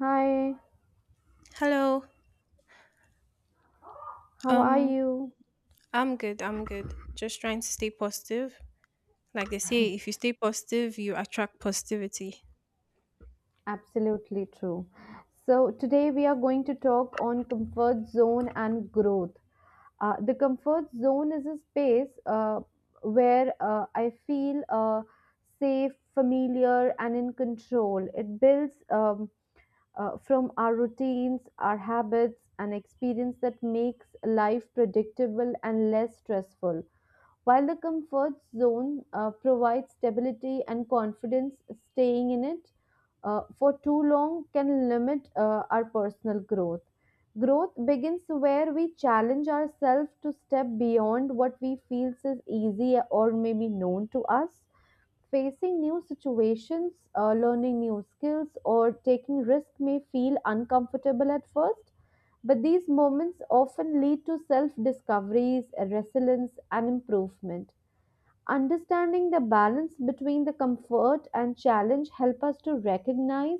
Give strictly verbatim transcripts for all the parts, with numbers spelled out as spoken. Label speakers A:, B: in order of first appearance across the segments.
A: Hi,
B: Hello.
A: how are
B: Um,
A: you?
B: I'm good. I'm good. Just trying to stay positive. Like they say, if you stay positive, you attract positivity.
A: Absolutely true. So, today we are going to talk on comfort zone and growth. Uh, the comfort zone is a space uh, where uh, I feel uh, safe, familiar, and in control. It builds um, uh, from our routines, our habits, and experience that makes life predictable and less stressful. While the comfort zone uh, provides stability and confidence, staying in it uh, for too long can limit uh, our personal growth. Growth begins where we challenge ourselves to step beyond what we feel is easy or maybe known to us, facing new situations, uh, learning new skills, or taking risk may feel uncomfortable at first. But these moments often lead to self discoveries, resilience, and improvement. Understanding the balance between the comfort and challenge help us to recognize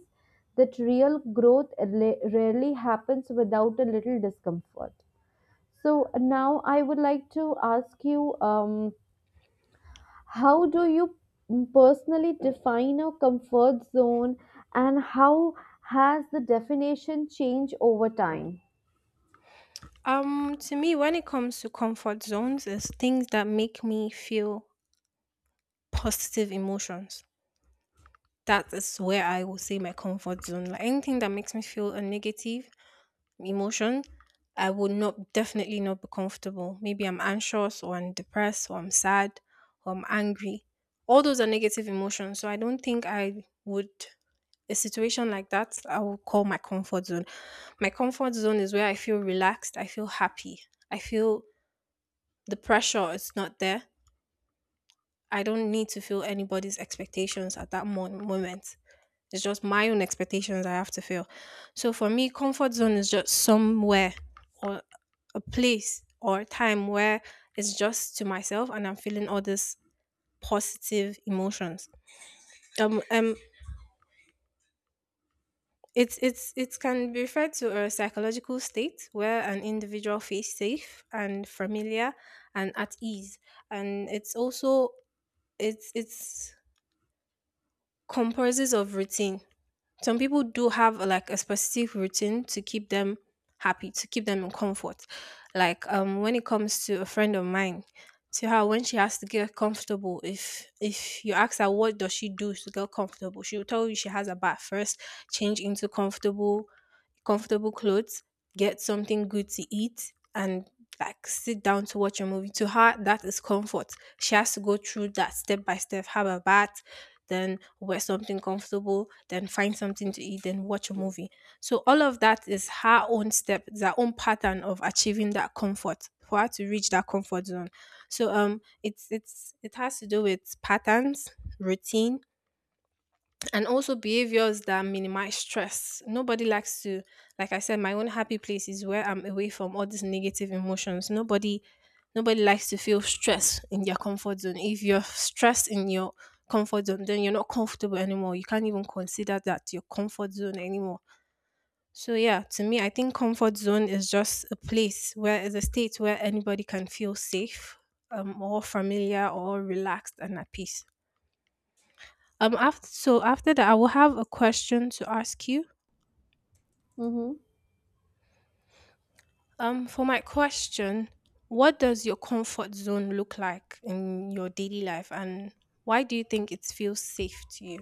A: that real growth rela- rarely happens without a little discomfort. So now I would like to ask you, um, how do you personally define a comfort zone, and how has the definition changed over time?
B: Um, to me, when it comes to comfort zones, it's things that make me feel positive emotions. That is where I will say my comfort zone. Like anything that makes me feel a negative emotion, I would not definitely not be comfortable. Maybe I'm anxious or I'm depressed or I'm sad or I'm angry. All those are negative emotions. So I don't think I would a situation like that, I will call my comfort zone. My comfort zone is where I feel relaxed, I feel happy, I feel the pressure is not there. I don't need to feel anybody's expectations at that mo- moment. It's just my own expectations I have to feel. So for me, comfort zone is just somewhere or a place or a time where it's just to myself and I'm feeling all these positive emotions. Um, um It's it's it can be referred to a psychological state where an individual feels safe and familiar and at ease, and it's also it's it's comprises of routine. Some people do have like a specific routine to keep them happy, to keep them in comfort. Like um, when it comes to a friend of mine, to her when she has to get comfortable, if if you ask her what does she do to get comfortable, she will tell you she has a bath first, change into comfortable comfortable clothes, get something good to eat, and like sit down to watch a movie. To her, that is comfort. She has to go through that step by step, have a bath, then wear something comfortable, then find something to eat, then watch a movie. So all of that is her own step, it's her own pattern of achieving that comfort for her to reach that comfort zone. So um it's it's it has to do with patterns, routine, and also behaviors that minimize stress. Nobody likes to, like I said, my own happy place is where I'm away from all these negative emotions. Nobody, nobody likes to feel stress in their comfort zone. If you're stressed in your comfort zone, then you're not comfortable anymore. You can't even consider that your comfort zone anymore. So yeah, to me, I think comfort zone is just a place where is a state where anybody can feel safe, um, or familiar, or relaxed and at peace. Um, after, so after that, I will have a question to ask you.
A: Mm-hmm.
B: Um, for my question, what does your comfort zone look like in your daily life, and why do you think it feels safe to you?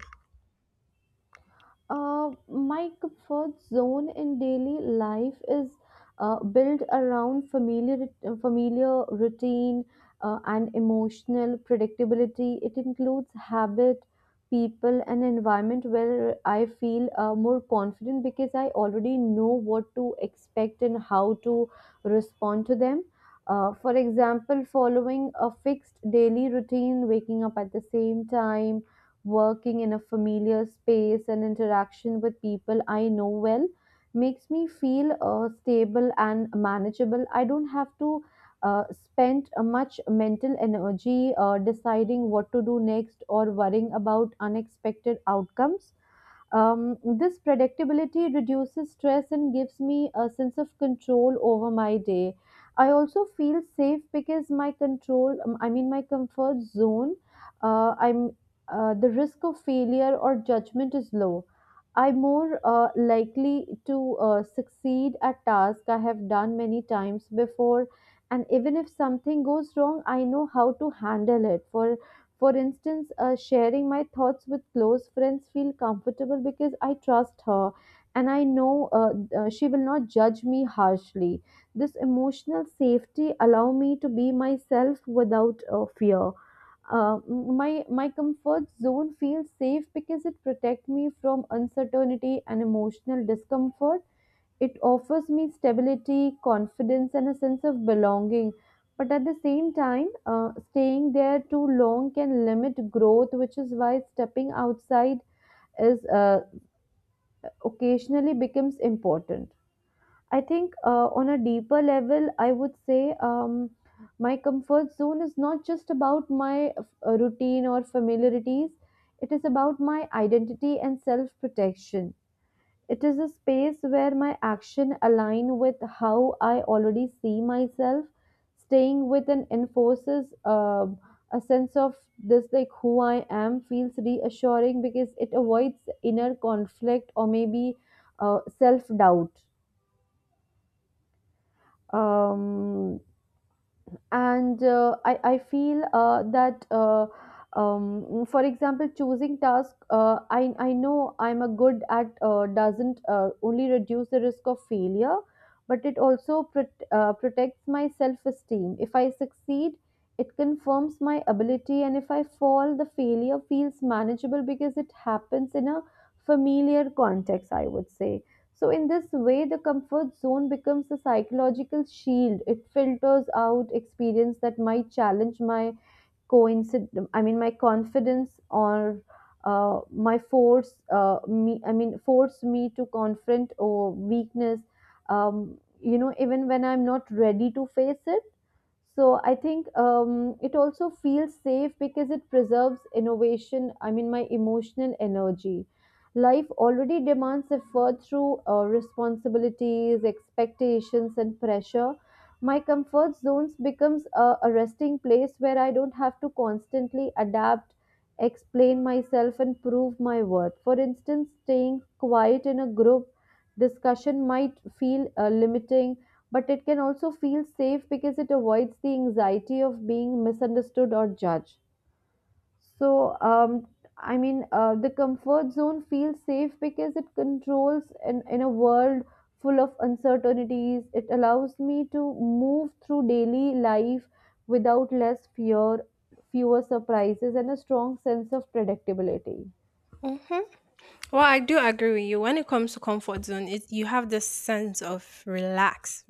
A: Uh, my comfort zone in daily life is uh, built around familiar, uh, familiar routine uh, and emotional predictability. It includes habit, people, and environment where I feel uh, more confident because I already know what to expect and how to respond to them. Uh, for example, following a fixed daily routine, waking up at the same time, working in a familiar space and interaction with people I know well makes me feel uh, stable and manageable. I don't have to uh, spend uh, much mental energy uh, deciding what to do next or worrying about unexpected outcomes. Um, this predictability reduces stress and gives me a sense of control over my day. I also feel safe because my control, um, I mean, my comfort zone, uh, I'm uh, the risk of failure or judgment is low. I'm more uh, likely to uh, succeed at tasks I have done many times before, and even if something goes wrong, I know how to handle it. For for instance, uh, sharing my thoughts with close friends feel comfortable because I trust her and I know uh, uh, she will not judge me harshly. This emotional safety allow me to be myself without uh, fear. Uh, my my comfort zone feels safe because it protects me from uncertainty and emotional discomfort. It offers me stability, confidence, and a sense of belonging. But at the same time, uh, staying there too long can limit growth, which is why stepping outside is uh, occasionally becomes important. I think uh, on a deeper level, I would say um, my comfort zone is not just about my uh, routine or familiarities. It is about my identity and self protection. It is a space where my action align with how I already see myself. Staying with and enforces uh, a sense of this, like who I am, feels reassuring because it avoids inner conflict or maybe uh, self doubt. Um, and uh, I, I feel uh, that uh, um, for example choosing task uh, I, I know I'm a good at, uh, doesn't uh, only reduce the risk of failure, but it also prot- uh, protects my self-esteem. If I succeed, it confirms my ability, and if I fall, the failure feels manageable because it happens in a familiar context, I would say. So, in this way, the comfort zone becomes a psychological shield. It filters out experience that might challenge my coincident, I mean my confidence, or uh, my force uh, me, I mean force me to confront or weakness, um, you know, even when I'm not ready to face it. So I think um, it also feels safe because it preserves innovation, I mean my emotional energy. Life already demands effort through uh, responsibilities, expectations, and pressure. My comfort zones becomes a, a resting place where I don't have to constantly adapt, explain myself, and prove my worth. For instance, staying quiet in a group discussion might feel uh, limiting, but it can also feel safe because it avoids the anxiety of being misunderstood or judged. so, um, I mean, uh, the comfort zone feels safe because it controls in, in a world full of uncertainties. It allows me to move through daily life without less fear, fewer surprises, and a strong sense of predictability.
B: Mm-hmm. Well, I do agree with you. When it comes to comfort zone, it, you have this sense of relax.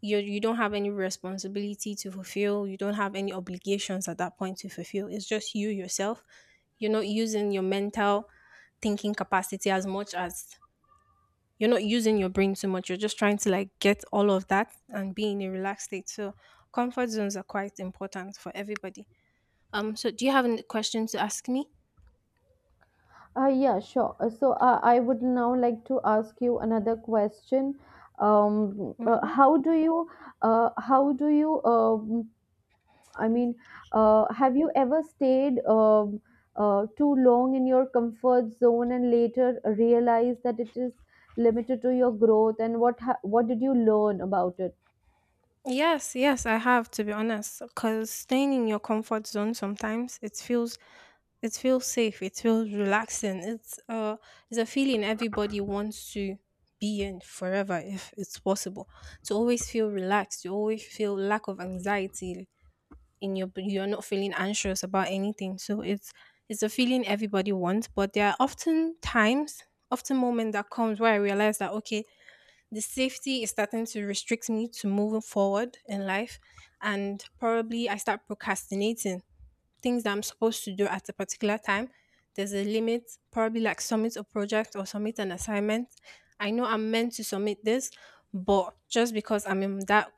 B: You you don't have any responsibility to fulfill. You don't have any obligations at that point to fulfill. It's just you yourself. You're not using your mental thinking capacity as much as you're not using your brain too much. You're just trying to like get all of that and be in a relaxed state. So comfort zones are quite important for everybody. Um, so do you have any questions to ask me?
A: Uh, yeah, sure. Uh, So, uh, I would now like to ask you another question. Um, uh,
B: Mhm.
A: how do you, uh, how do you um I mean, uh, have you ever stayed um, uh, too long in your comfort zone and later realize that it is limited to your growth? And what ha- what did you learn about it?
B: Yes, yes, I have to be honest. Because staying in your comfort zone sometimes it feels it feels safe, it feels relaxing. It's uh it's a feeling everybody wants to be in forever if it's possible. To always feel relaxed, you always feel lack of anxiety, in your b- you're not feeling anxious about anything so it's it's a feeling everybody wants but there are often times often moment that comes where I realize that okay, the safety is starting to restrict me to moving forward in life, and probably I start procrastinating things that I'm supposed to do at a particular time. There's a limit, probably like submit a project or submit an assignment. I know I'm meant to submit this, but just because I'm in that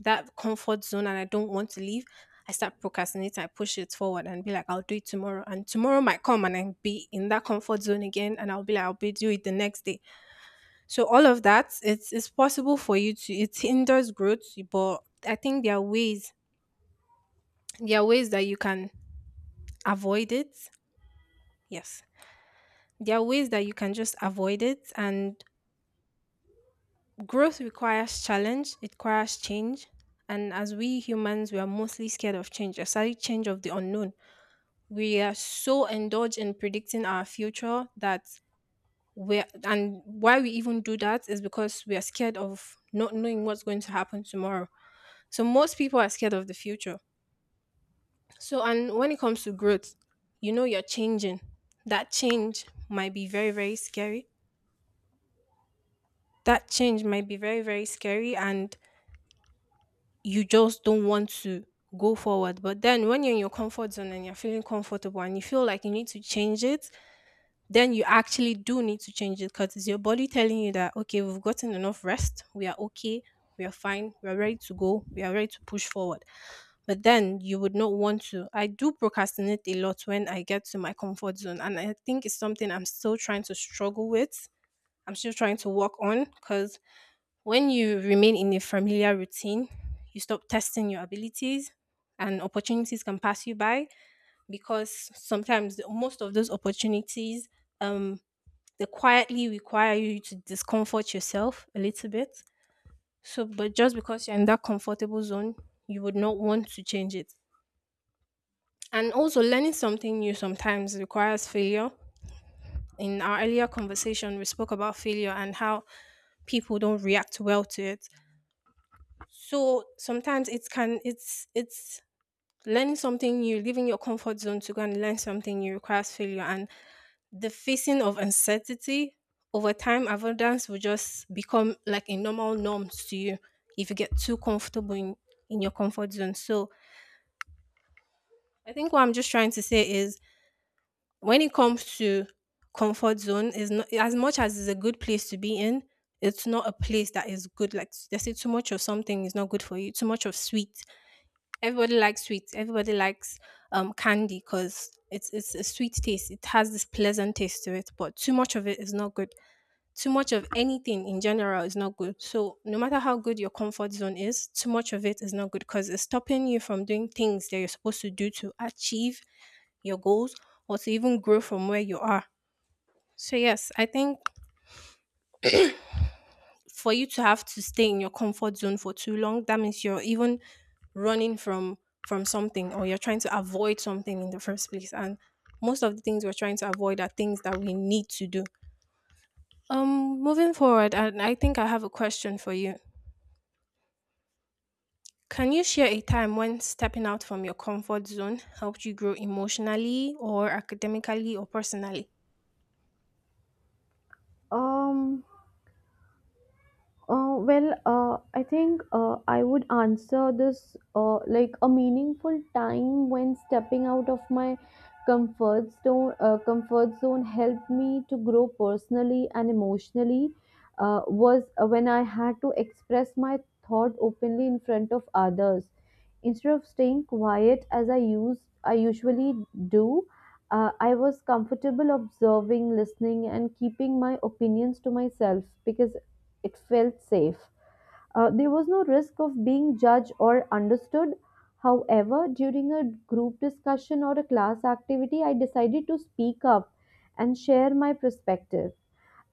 B: that comfort zone and I don't want to leave, I start procrastinating. I push it forward and be like, I'll do it tomorrow. And tomorrow might come and I'll be in that comfort zone again and I'll be like, I'll be do it the next day. So all of that, it's it's possible for you to it hinders growth, but I think there are ways there are ways that you can avoid it. Yes. There are ways that you can just avoid it. And growth requires challenge, it requires change. And as we humans, we are mostly scared of change, especially change of the unknown. We are so indulged in predicting our future that we are and why we even do that is because we are scared of not knowing what's going to happen tomorrow. So most people are scared of the future. So and when it comes to growth, you know you're changing. That change might be very very scary. That change might be very very scary, and you just don't want to go forward. But then when you're in your comfort zone and you're feeling comfortable and you feel like you need to change it, then you actually do need to change it because it's your body telling you that okay, we've gotten enough rest, we are okay, we are fine, we are ready to go, we are ready to push forward. But then you would not want to. I do procrastinate a lot when I get to my comfort zone, and I think it's something I'm still trying to struggle with. I'm still trying to work on because when you remain in a familiar routine, you stop testing your abilities, and opportunities can pass you by because sometimes the- most of those opportunities um they quietly require you to discomfort yourself a little bit. So, but just because you're in that comfortable zone, you would not want to change it. And also, learning something new sometimes requires failure. In our earlier conversation, we spoke about failure and how people don't react well to it. So sometimes it can it's it's learning something new, leaving your comfort zone to go and learn something new requires failure. And the facing of uncertainty over time avoidance will just become like a normal norm to you if you get too comfortable in, in your comfort zone. So I think what I'm just trying to say is when it comes to comfort zone is not as much as it's a good place to be in, it's not a place that is good. Like they say, too much of something is not good for you. Too much of sweet, everybody likes sweet. Everybody likes um candy because it's it's a sweet taste, it has this pleasant taste to it, but too much of it is not good. Too much of anything in general is not good. So, no matter how good your comfort zone is, too much of it is not good because it's stopping you from doing things that you're supposed to do to achieve your goals or to even grow from where you are. So, yes, I think for you to have to stay in your comfort zone for too long, that means you're even running from from something or you're trying to avoid something in the first place, and most of the things we're trying to avoid are things that we need to do um moving forward, and I think I have a question for you. Can you share a time when stepping out from your comfort zone helped you grow emotionally or academically or personally?
A: um Uh, well, uh, I think uh, I would answer this uh, like a meaningful time when stepping out of my comfort zone. Uh, comfort zone helped me to grow personally and emotionally. Uh, was uh, When I had to express my thought openly in front of others. Instead of staying quiet as I used, I usually do. Uh, I was comfortable observing, listening, and keeping my opinions to myself because it felt safe. Uh, there was no risk of being judged or understood. However, during a group discussion or a class activity, I decided to speak up and share my perspective,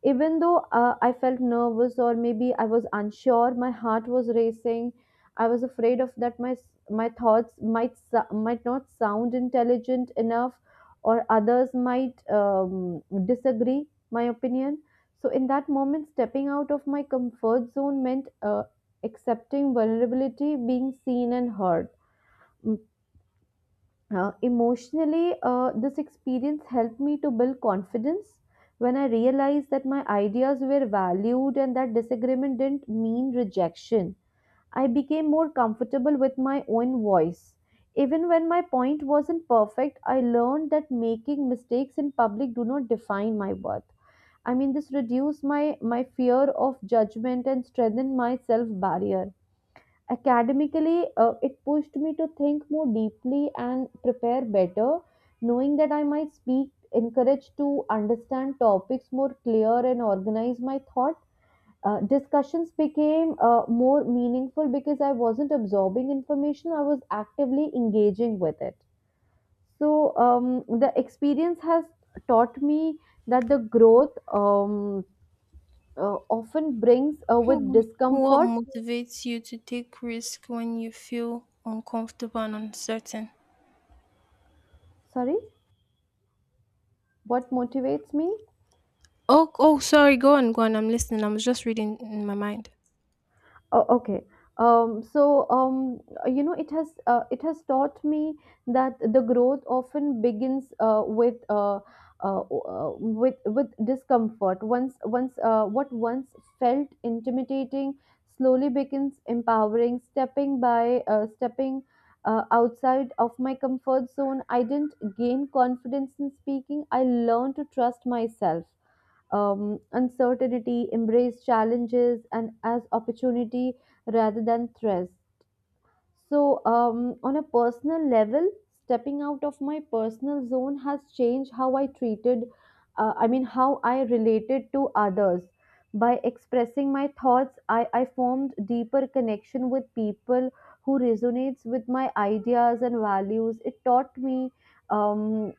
A: even though uh, I felt nervous, or maybe I was unsure. My heart was racing. I was afraid of that my my thoughts might sou- might not sound intelligent enough, or others might um, disagree my opinion. So in that moment, stepping out of my comfort zone meant uh, accepting vulnerability, being seen and heard. uh, emotionally, uh, this experience helped me to build confidence when I realized that my ideas were valued and that disagreement didn't mean rejection. I became more comfortable with my own voice. Even when my point wasn't perfect, I learned that making mistakes in public do not define my worth. I mean, this reduced my, my fear of judgment and strengthened my self barrier. Academically, uh, it pushed me to think more deeply and prepare better, knowing that I might speak, encouraged to understand topics more clear and organize my thought. Uh, discussions became uh, more meaningful because I wasn't absorbing information, I was actively engaging with it. So, um, the experience has taught me that the growth, um, uh, often brings uh, with
B: Hmm. What
A: discomfort.
B: motivates you to take risk when you feel uncomfortable and uncertain?
A: Sorry, what motivates me?
B: Oh, oh, sorry. Go on, go on. I'm listening. I was just reading in my mind.
A: Oh, okay. Um, so um, you know, it has uh, it has taught me that the growth often begins uh, with uh, uh, uh, with with discomfort. Once once uh, What once felt intimidating slowly becomes empowering. Stepping by uh, stepping uh, outside of my comfort zone, I didn't gain confidence in speaking. I learned to trust myself, um, uncertainty, embrace challenges and as opportunity rather than threats. So, um, on a personal level, stepping out of my personal zone has changed how I treated, uh, I mean, how I related to others. By expressing my thoughts, I, I formed deeper connection with people who resonates with my ideas and values. It taught me um,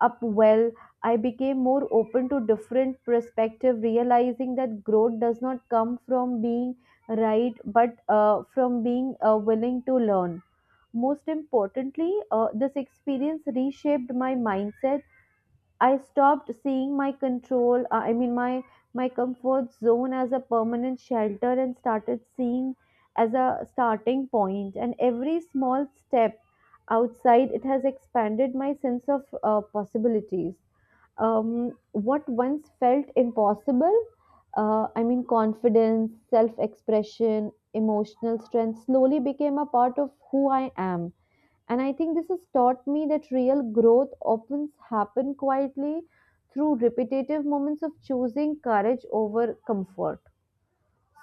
A: up well. I became more open to different perspective, realizing that growth does not come from being right but uh, from being uh, willing to learn. Most importantly, uh, this experience reshaped my mindset. I stopped seeing my control, uh, I mean my my comfort zone, as a permanent shelter and started seeing as a starting point point. And every small step outside it has expanded my sense of uh, possibilities. um, what once felt impossible, uh, I mean confidence, self expression, emotional strength, slowly became a part of who I am. And I think this has taught me that real growth often happen quietly through repetitive moments of choosing courage over comfort.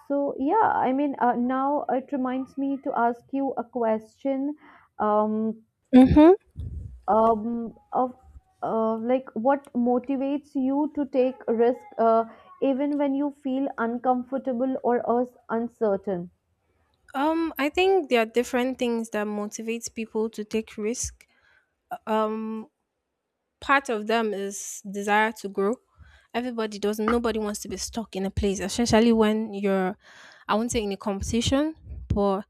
A: So yeah, I mean, uh, now it reminds me to ask you a question. Um,
B: Mm-hmm.
A: um of uh, Like, what motivates you to take risk uh, even when you feel uncomfortable or us- uncertain?
B: Um, I think there are different things that motivates people to take risk. Um, Part of them is desire to grow. Everybody doesn't, nobody wants to be stuck in a place, especially when you're, I won't say in a competition, but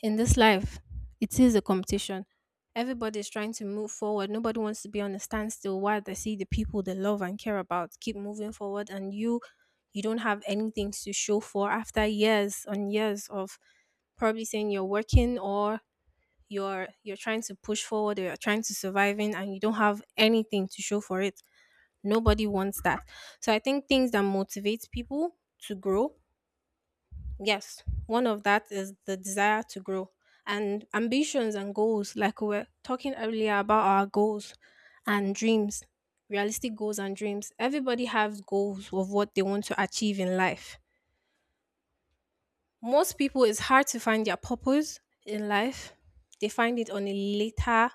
B: in this life, it is a competition. Everybody's trying to move forward. Nobody wants to be on a standstill while they see the people they love and care about keep moving forward, and you, you don't have anything to show for after years and years of probably saying you're working or you're you're trying to push forward or you're trying to surviving and you don't have anything to show for it. Nobody wants that. So I think things that motivate people to grow, yes, one of that is the desire to grow and ambitions and goals, like we were talking earlier about our goals and dreams, realistic goals and dreams. Everybody has goals of what they want to achieve in life. Most people, it's hard to find their purpose in life. They find it on a later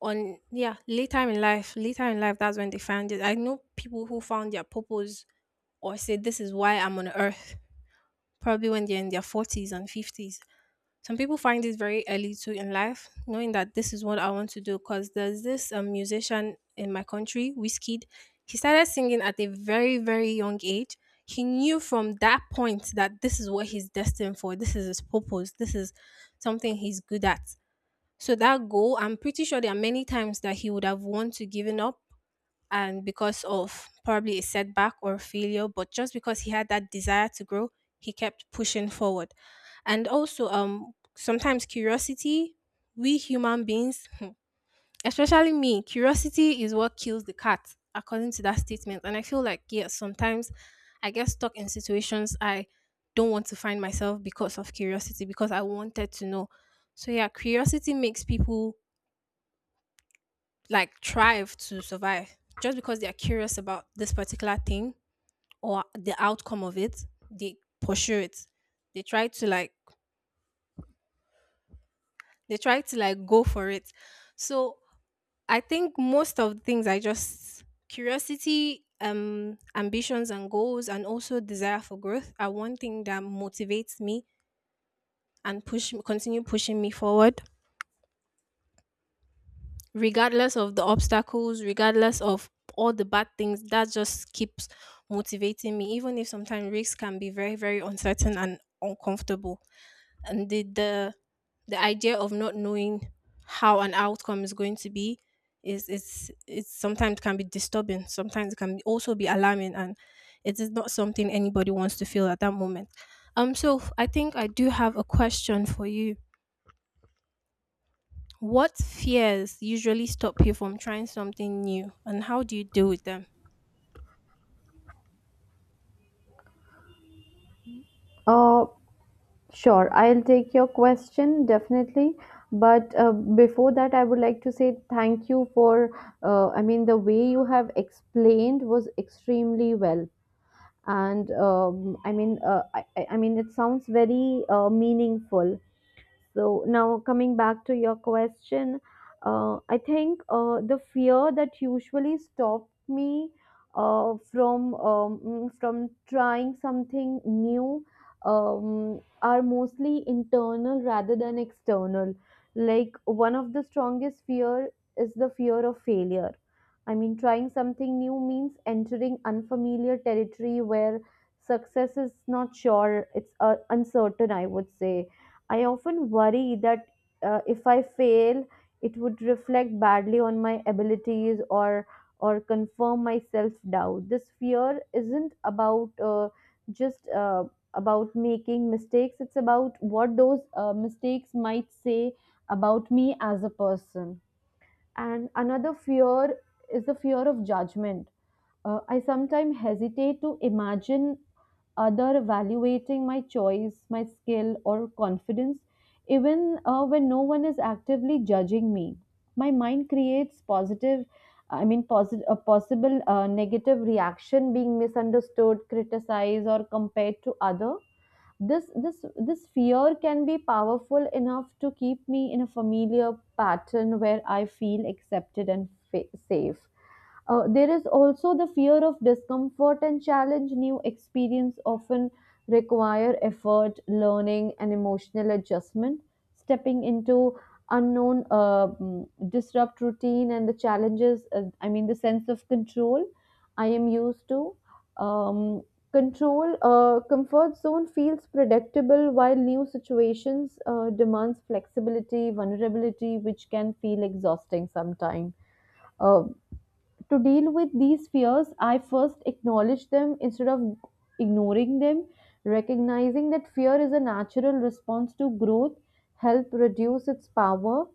B: on yeah, later in life, later in life that's when they find it. I know people who found their purpose or say this is why I'm on earth, probably when they're in their forties and fifties. Some people find it very early too in life, knowing that this is what I want to do. Because there's this um, musician in my country, Wizkid. He started singing at a very, very young age. He knew from that point that this is what he's destined for. This is his purpose. This is something he's good at. So that goal, I'm pretty sure there are many times that he would have wanted to given up and because of probably a setback or failure, but just because he had that desire to grow, he kept pushing forward. And also, um, sometimes curiosity, we human beings, hmm, especially me, curiosity is what kills the cat, according to that statement. And I feel like, yes, sometimes I get stuck in situations I don't want to find myself because of curiosity, because I wanted to know. So, yeah, curiosity makes people like thrive to survive just because they are curious about this particular thing or the outcome of it, they pursue it, they try to like they try to like go for it. So I think most of the things I just, curiosity, um ambitions and goals and also desire for growth are one thing that motivates me and push continue pushing me forward, regardless of the obstacles, regardless of all the bad things, that just keeps motivating me, even if sometimes risks can be very, very uncertain and uncomfortable. And the the, the idea of not knowing how an outcome is going to be is, it's it's sometimes can be disturbing, sometimes it can also be alarming, and it is not something anybody wants to feel at that moment. Um so I think I do have a question for you. What fears usually stop you from trying something new, and how do you deal with them?
A: uh sure, I'll take your question, definitely. But uh, before that, I would like to say thank you for, uh, I mean, the way you have explained was extremely well. And um, i mean uh, I, I I mean it sounds very uh, meaningful. So now coming back to your question, uh, I think uh, the fear that usually stopped me uh, from um, mm, from trying something new um, are mostly internal rather than external. Like, one of the strongest fear is the fear of failure. I mean, trying something new means entering unfamiliar territory where success is not sure. It's uh, uncertain, I would say. I often worry that uh, if I fail, it would reflect badly on my abilities or or confirm my self doubt. This fear isn't about uh, just uh, about making mistakes. It's about what those uh, mistakes might say about me as a person, and another fear is the fear of judgment. uh, I sometimes hesitate to imagine other evaluating my choice, my skill, or confidence, even uh, when no one is actively judging me. My mind creates positive, i mean posit- a possible uh, negative reaction, being misunderstood, criticized, or compared to other. This this this fear can be powerful enough to keep me in a familiar pattern where I feel accepted and fa- safe. Uh, there is also the fear of discomfort and challenge. New experience often require effort, learning, and emotional adjustment. Stepping into unknown uh, mm, disrupt routine and the challenges, uh, i mean the sense of control I am used to. um, Control, uh, comfort zone feels predictable, while new situations uh, demands flexibility, vulnerability, which can feel exhausting sometimes. Uh, to deal with these fears, I first acknowledge them instead of ignoring them. Recognizing that fear is a natural response to growth help reduce its power.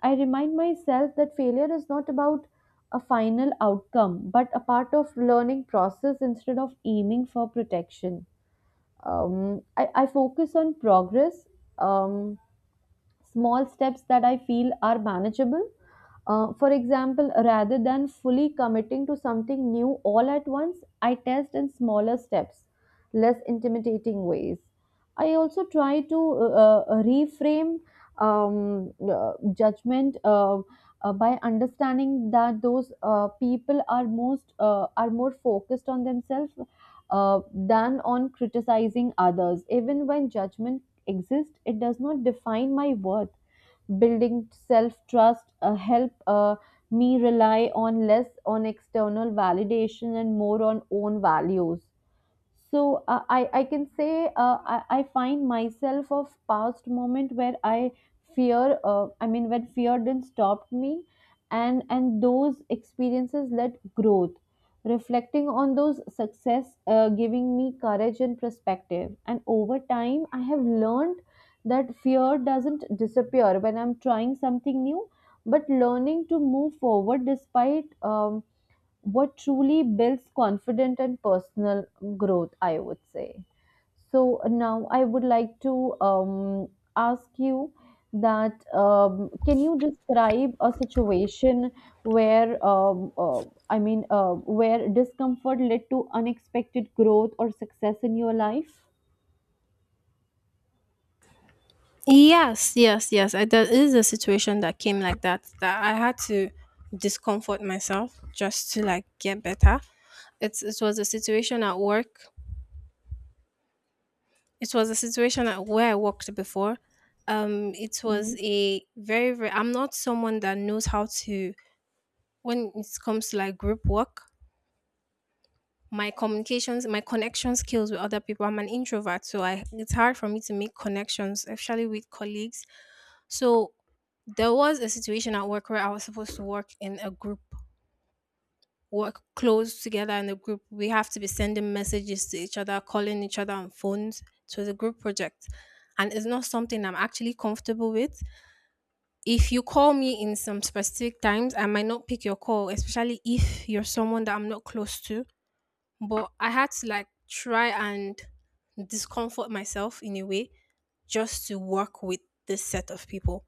A: I remind myself that failure is not about a final outcome, but a part of learning process. Instead of aiming for protection, Um, I, I focus on progress. Um, Small steps that I feel are manageable. Uh, for example, rather than fully committing to something new all at once, I test in smaller steps, less intimidating ways. I also try to uh, uh, reframe um, uh, judgment, uh, uh, by understanding that those uh, people are most uh, are more focused on themselves uh, than on criticizing others. Even when judgment exist, it does not define my worth. Building self trust uh, help, uh, me rely on less on external validation and more on own values. So uh, I, I can say, uh, I, I find myself of past moment where I fear uh, I mean when fear didn't stop me, and and those experiences led growth. Reflecting on those success uh, giving me courage and perspective, and over time I have learned that fear doesn't disappear when I'm trying something new, but learning to move forward despite um, what truly builds confident and personal growth, I would say. So now I would like to um, ask you that, um, can you describe a situation where um, uh, I mean uh, where discomfort led to unexpected growth or success in your life?
B: Yes, yes, yes. I, there is a situation that came like that that I had to discomfort myself just to like get better. It's it was a situation at work. It was a situation at where I worked before. Um, it was
A: Mhm.
B: a very very. I'm not someone that knows how to when it comes to like group work. My communications, my connection skills with other people. I'm an introvert, so I it's hard for me to make connections, especially with colleagues. So there was a situation at work where I was supposed to work in a group, work close together in a group. We have to be sending messages to each other, calling each other on phones. It was a group project. And it's not something I'm actually comfortable with. If you call me in some specific times, I might not pick your call, especially if you're someone that I'm not close to. But I had to like try and discomfort myself in a way just to work with this set of people.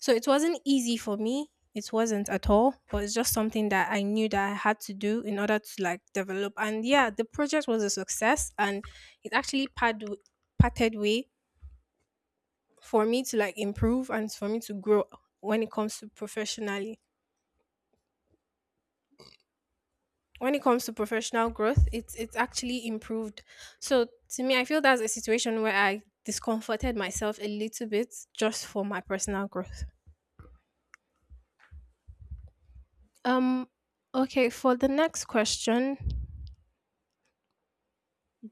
B: So it wasn't easy for me. It wasn't at all, but it's just something that I knew that I had to do in order to like develop. And yeah, the project was a success and it actually pad parted way for me to like improve and for me to grow when it comes to professionally. When it comes to professional growth, it's it's actually improved. So to me, I feel that's a situation where I discomforted myself a little bit just for my personal growth. Um okay, for the next question,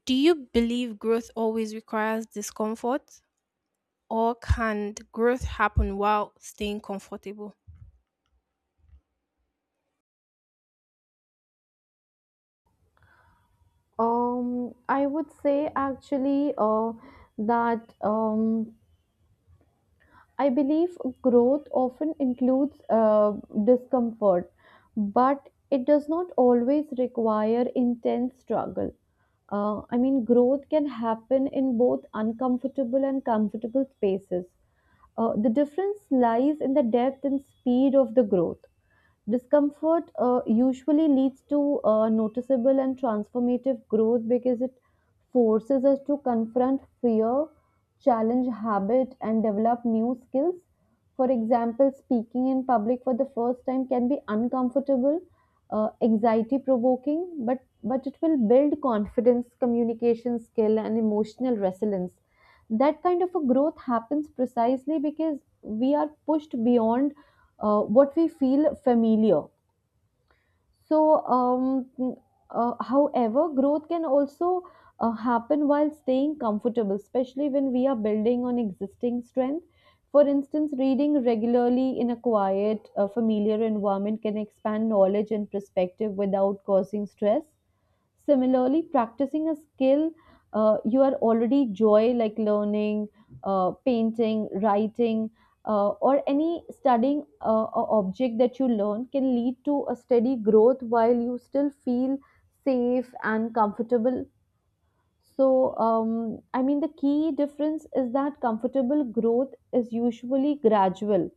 B: do you believe growth always requires discomfort? Or can growth happen while staying comfortable?
A: Um, I would say actually uh, that. Um, I believe growth often includes uh, discomfort, but it does not always require intense struggle. Uh, I mean, growth can happen in both uncomfortable and comfortable spaces. Uh, the difference lies in the depth and speed of the growth. Discomfort uh, usually leads to uh, noticeable and transformative growth because it forces us to confront fear, challenge habit, and develop new skills. For example, speaking in public for the first time can be uncomfortable, uh, anxiety provoking, but, but it will build confidence, communication skill, and emotional resilience. That kind of a growth happens precisely because we are pushed beyond uh, what we feel familiar. so, um, mm, uh, However, growth can also uh, happen while staying comfortable, especially when we are building on existing strength. For instance, reading regularly in a quiet, uh, familiar environment can expand knowledge and perspective without causing stress. Similarly, practicing a skill uh, you are already joy, like learning, uh, painting, writing, uh, or any studying uh, a object that you learn, can lead to a steady growth while you still feel safe and comfortable. So, um, I mean, the key difference is that comfortable growth is usually gradual,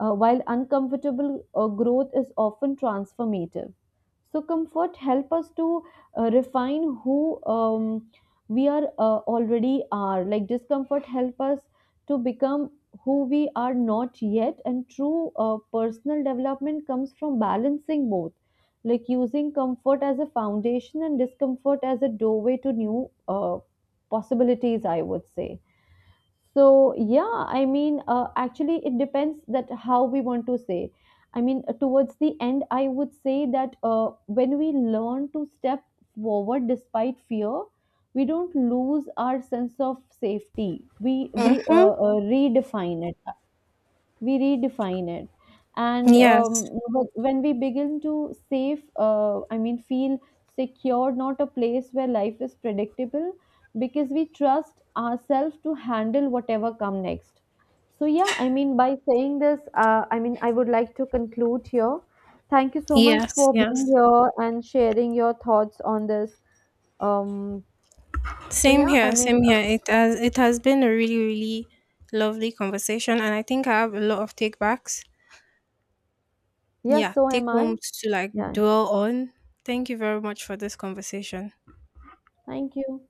A: uh, while uncomfortable uh, growth is often transformative. So, comfort help us to uh, refine who um, we are uh, already are. Like discomfort help us to become who we are not yet. And true uh, personal development comes from balancing both, like using comfort as a foundation and discomfort as a doorway to new uh, possibilities, I would say. So yeah, I mean, uh, actually, it depends that how we want to say. I mean, uh, towards the end, I would say that uh, when we learn to step forward despite fear, we don't lose our sense of safety. We we
B: Mm-hmm.
A: uh, uh, redefine it, we redefine it, and um,
B: Yes.
A: wh- when we begin to safe uh, I mean feel secure, not a place where life is predictable, because we trust ourselves to handle whatever come next. So yeah, I mean, by saying this, uh, I mean, I would like to conclude here. Thank you so much
B: Yes,
A: for being
B: yes.
A: here and sharing your thoughts on this. um so
B: Same
A: yeah i
B: here,
A: mean
B: same
A: uh,
B: here. It has it has been a really, really lovely conversation and I think I have a lot of takebacks.
A: yeah,
B: Yeah,
A: so
B: take
A: am I.
B: homes to like
A: Yeah,
B: dwell on. Thank you very much for this conversation.
A: thank you.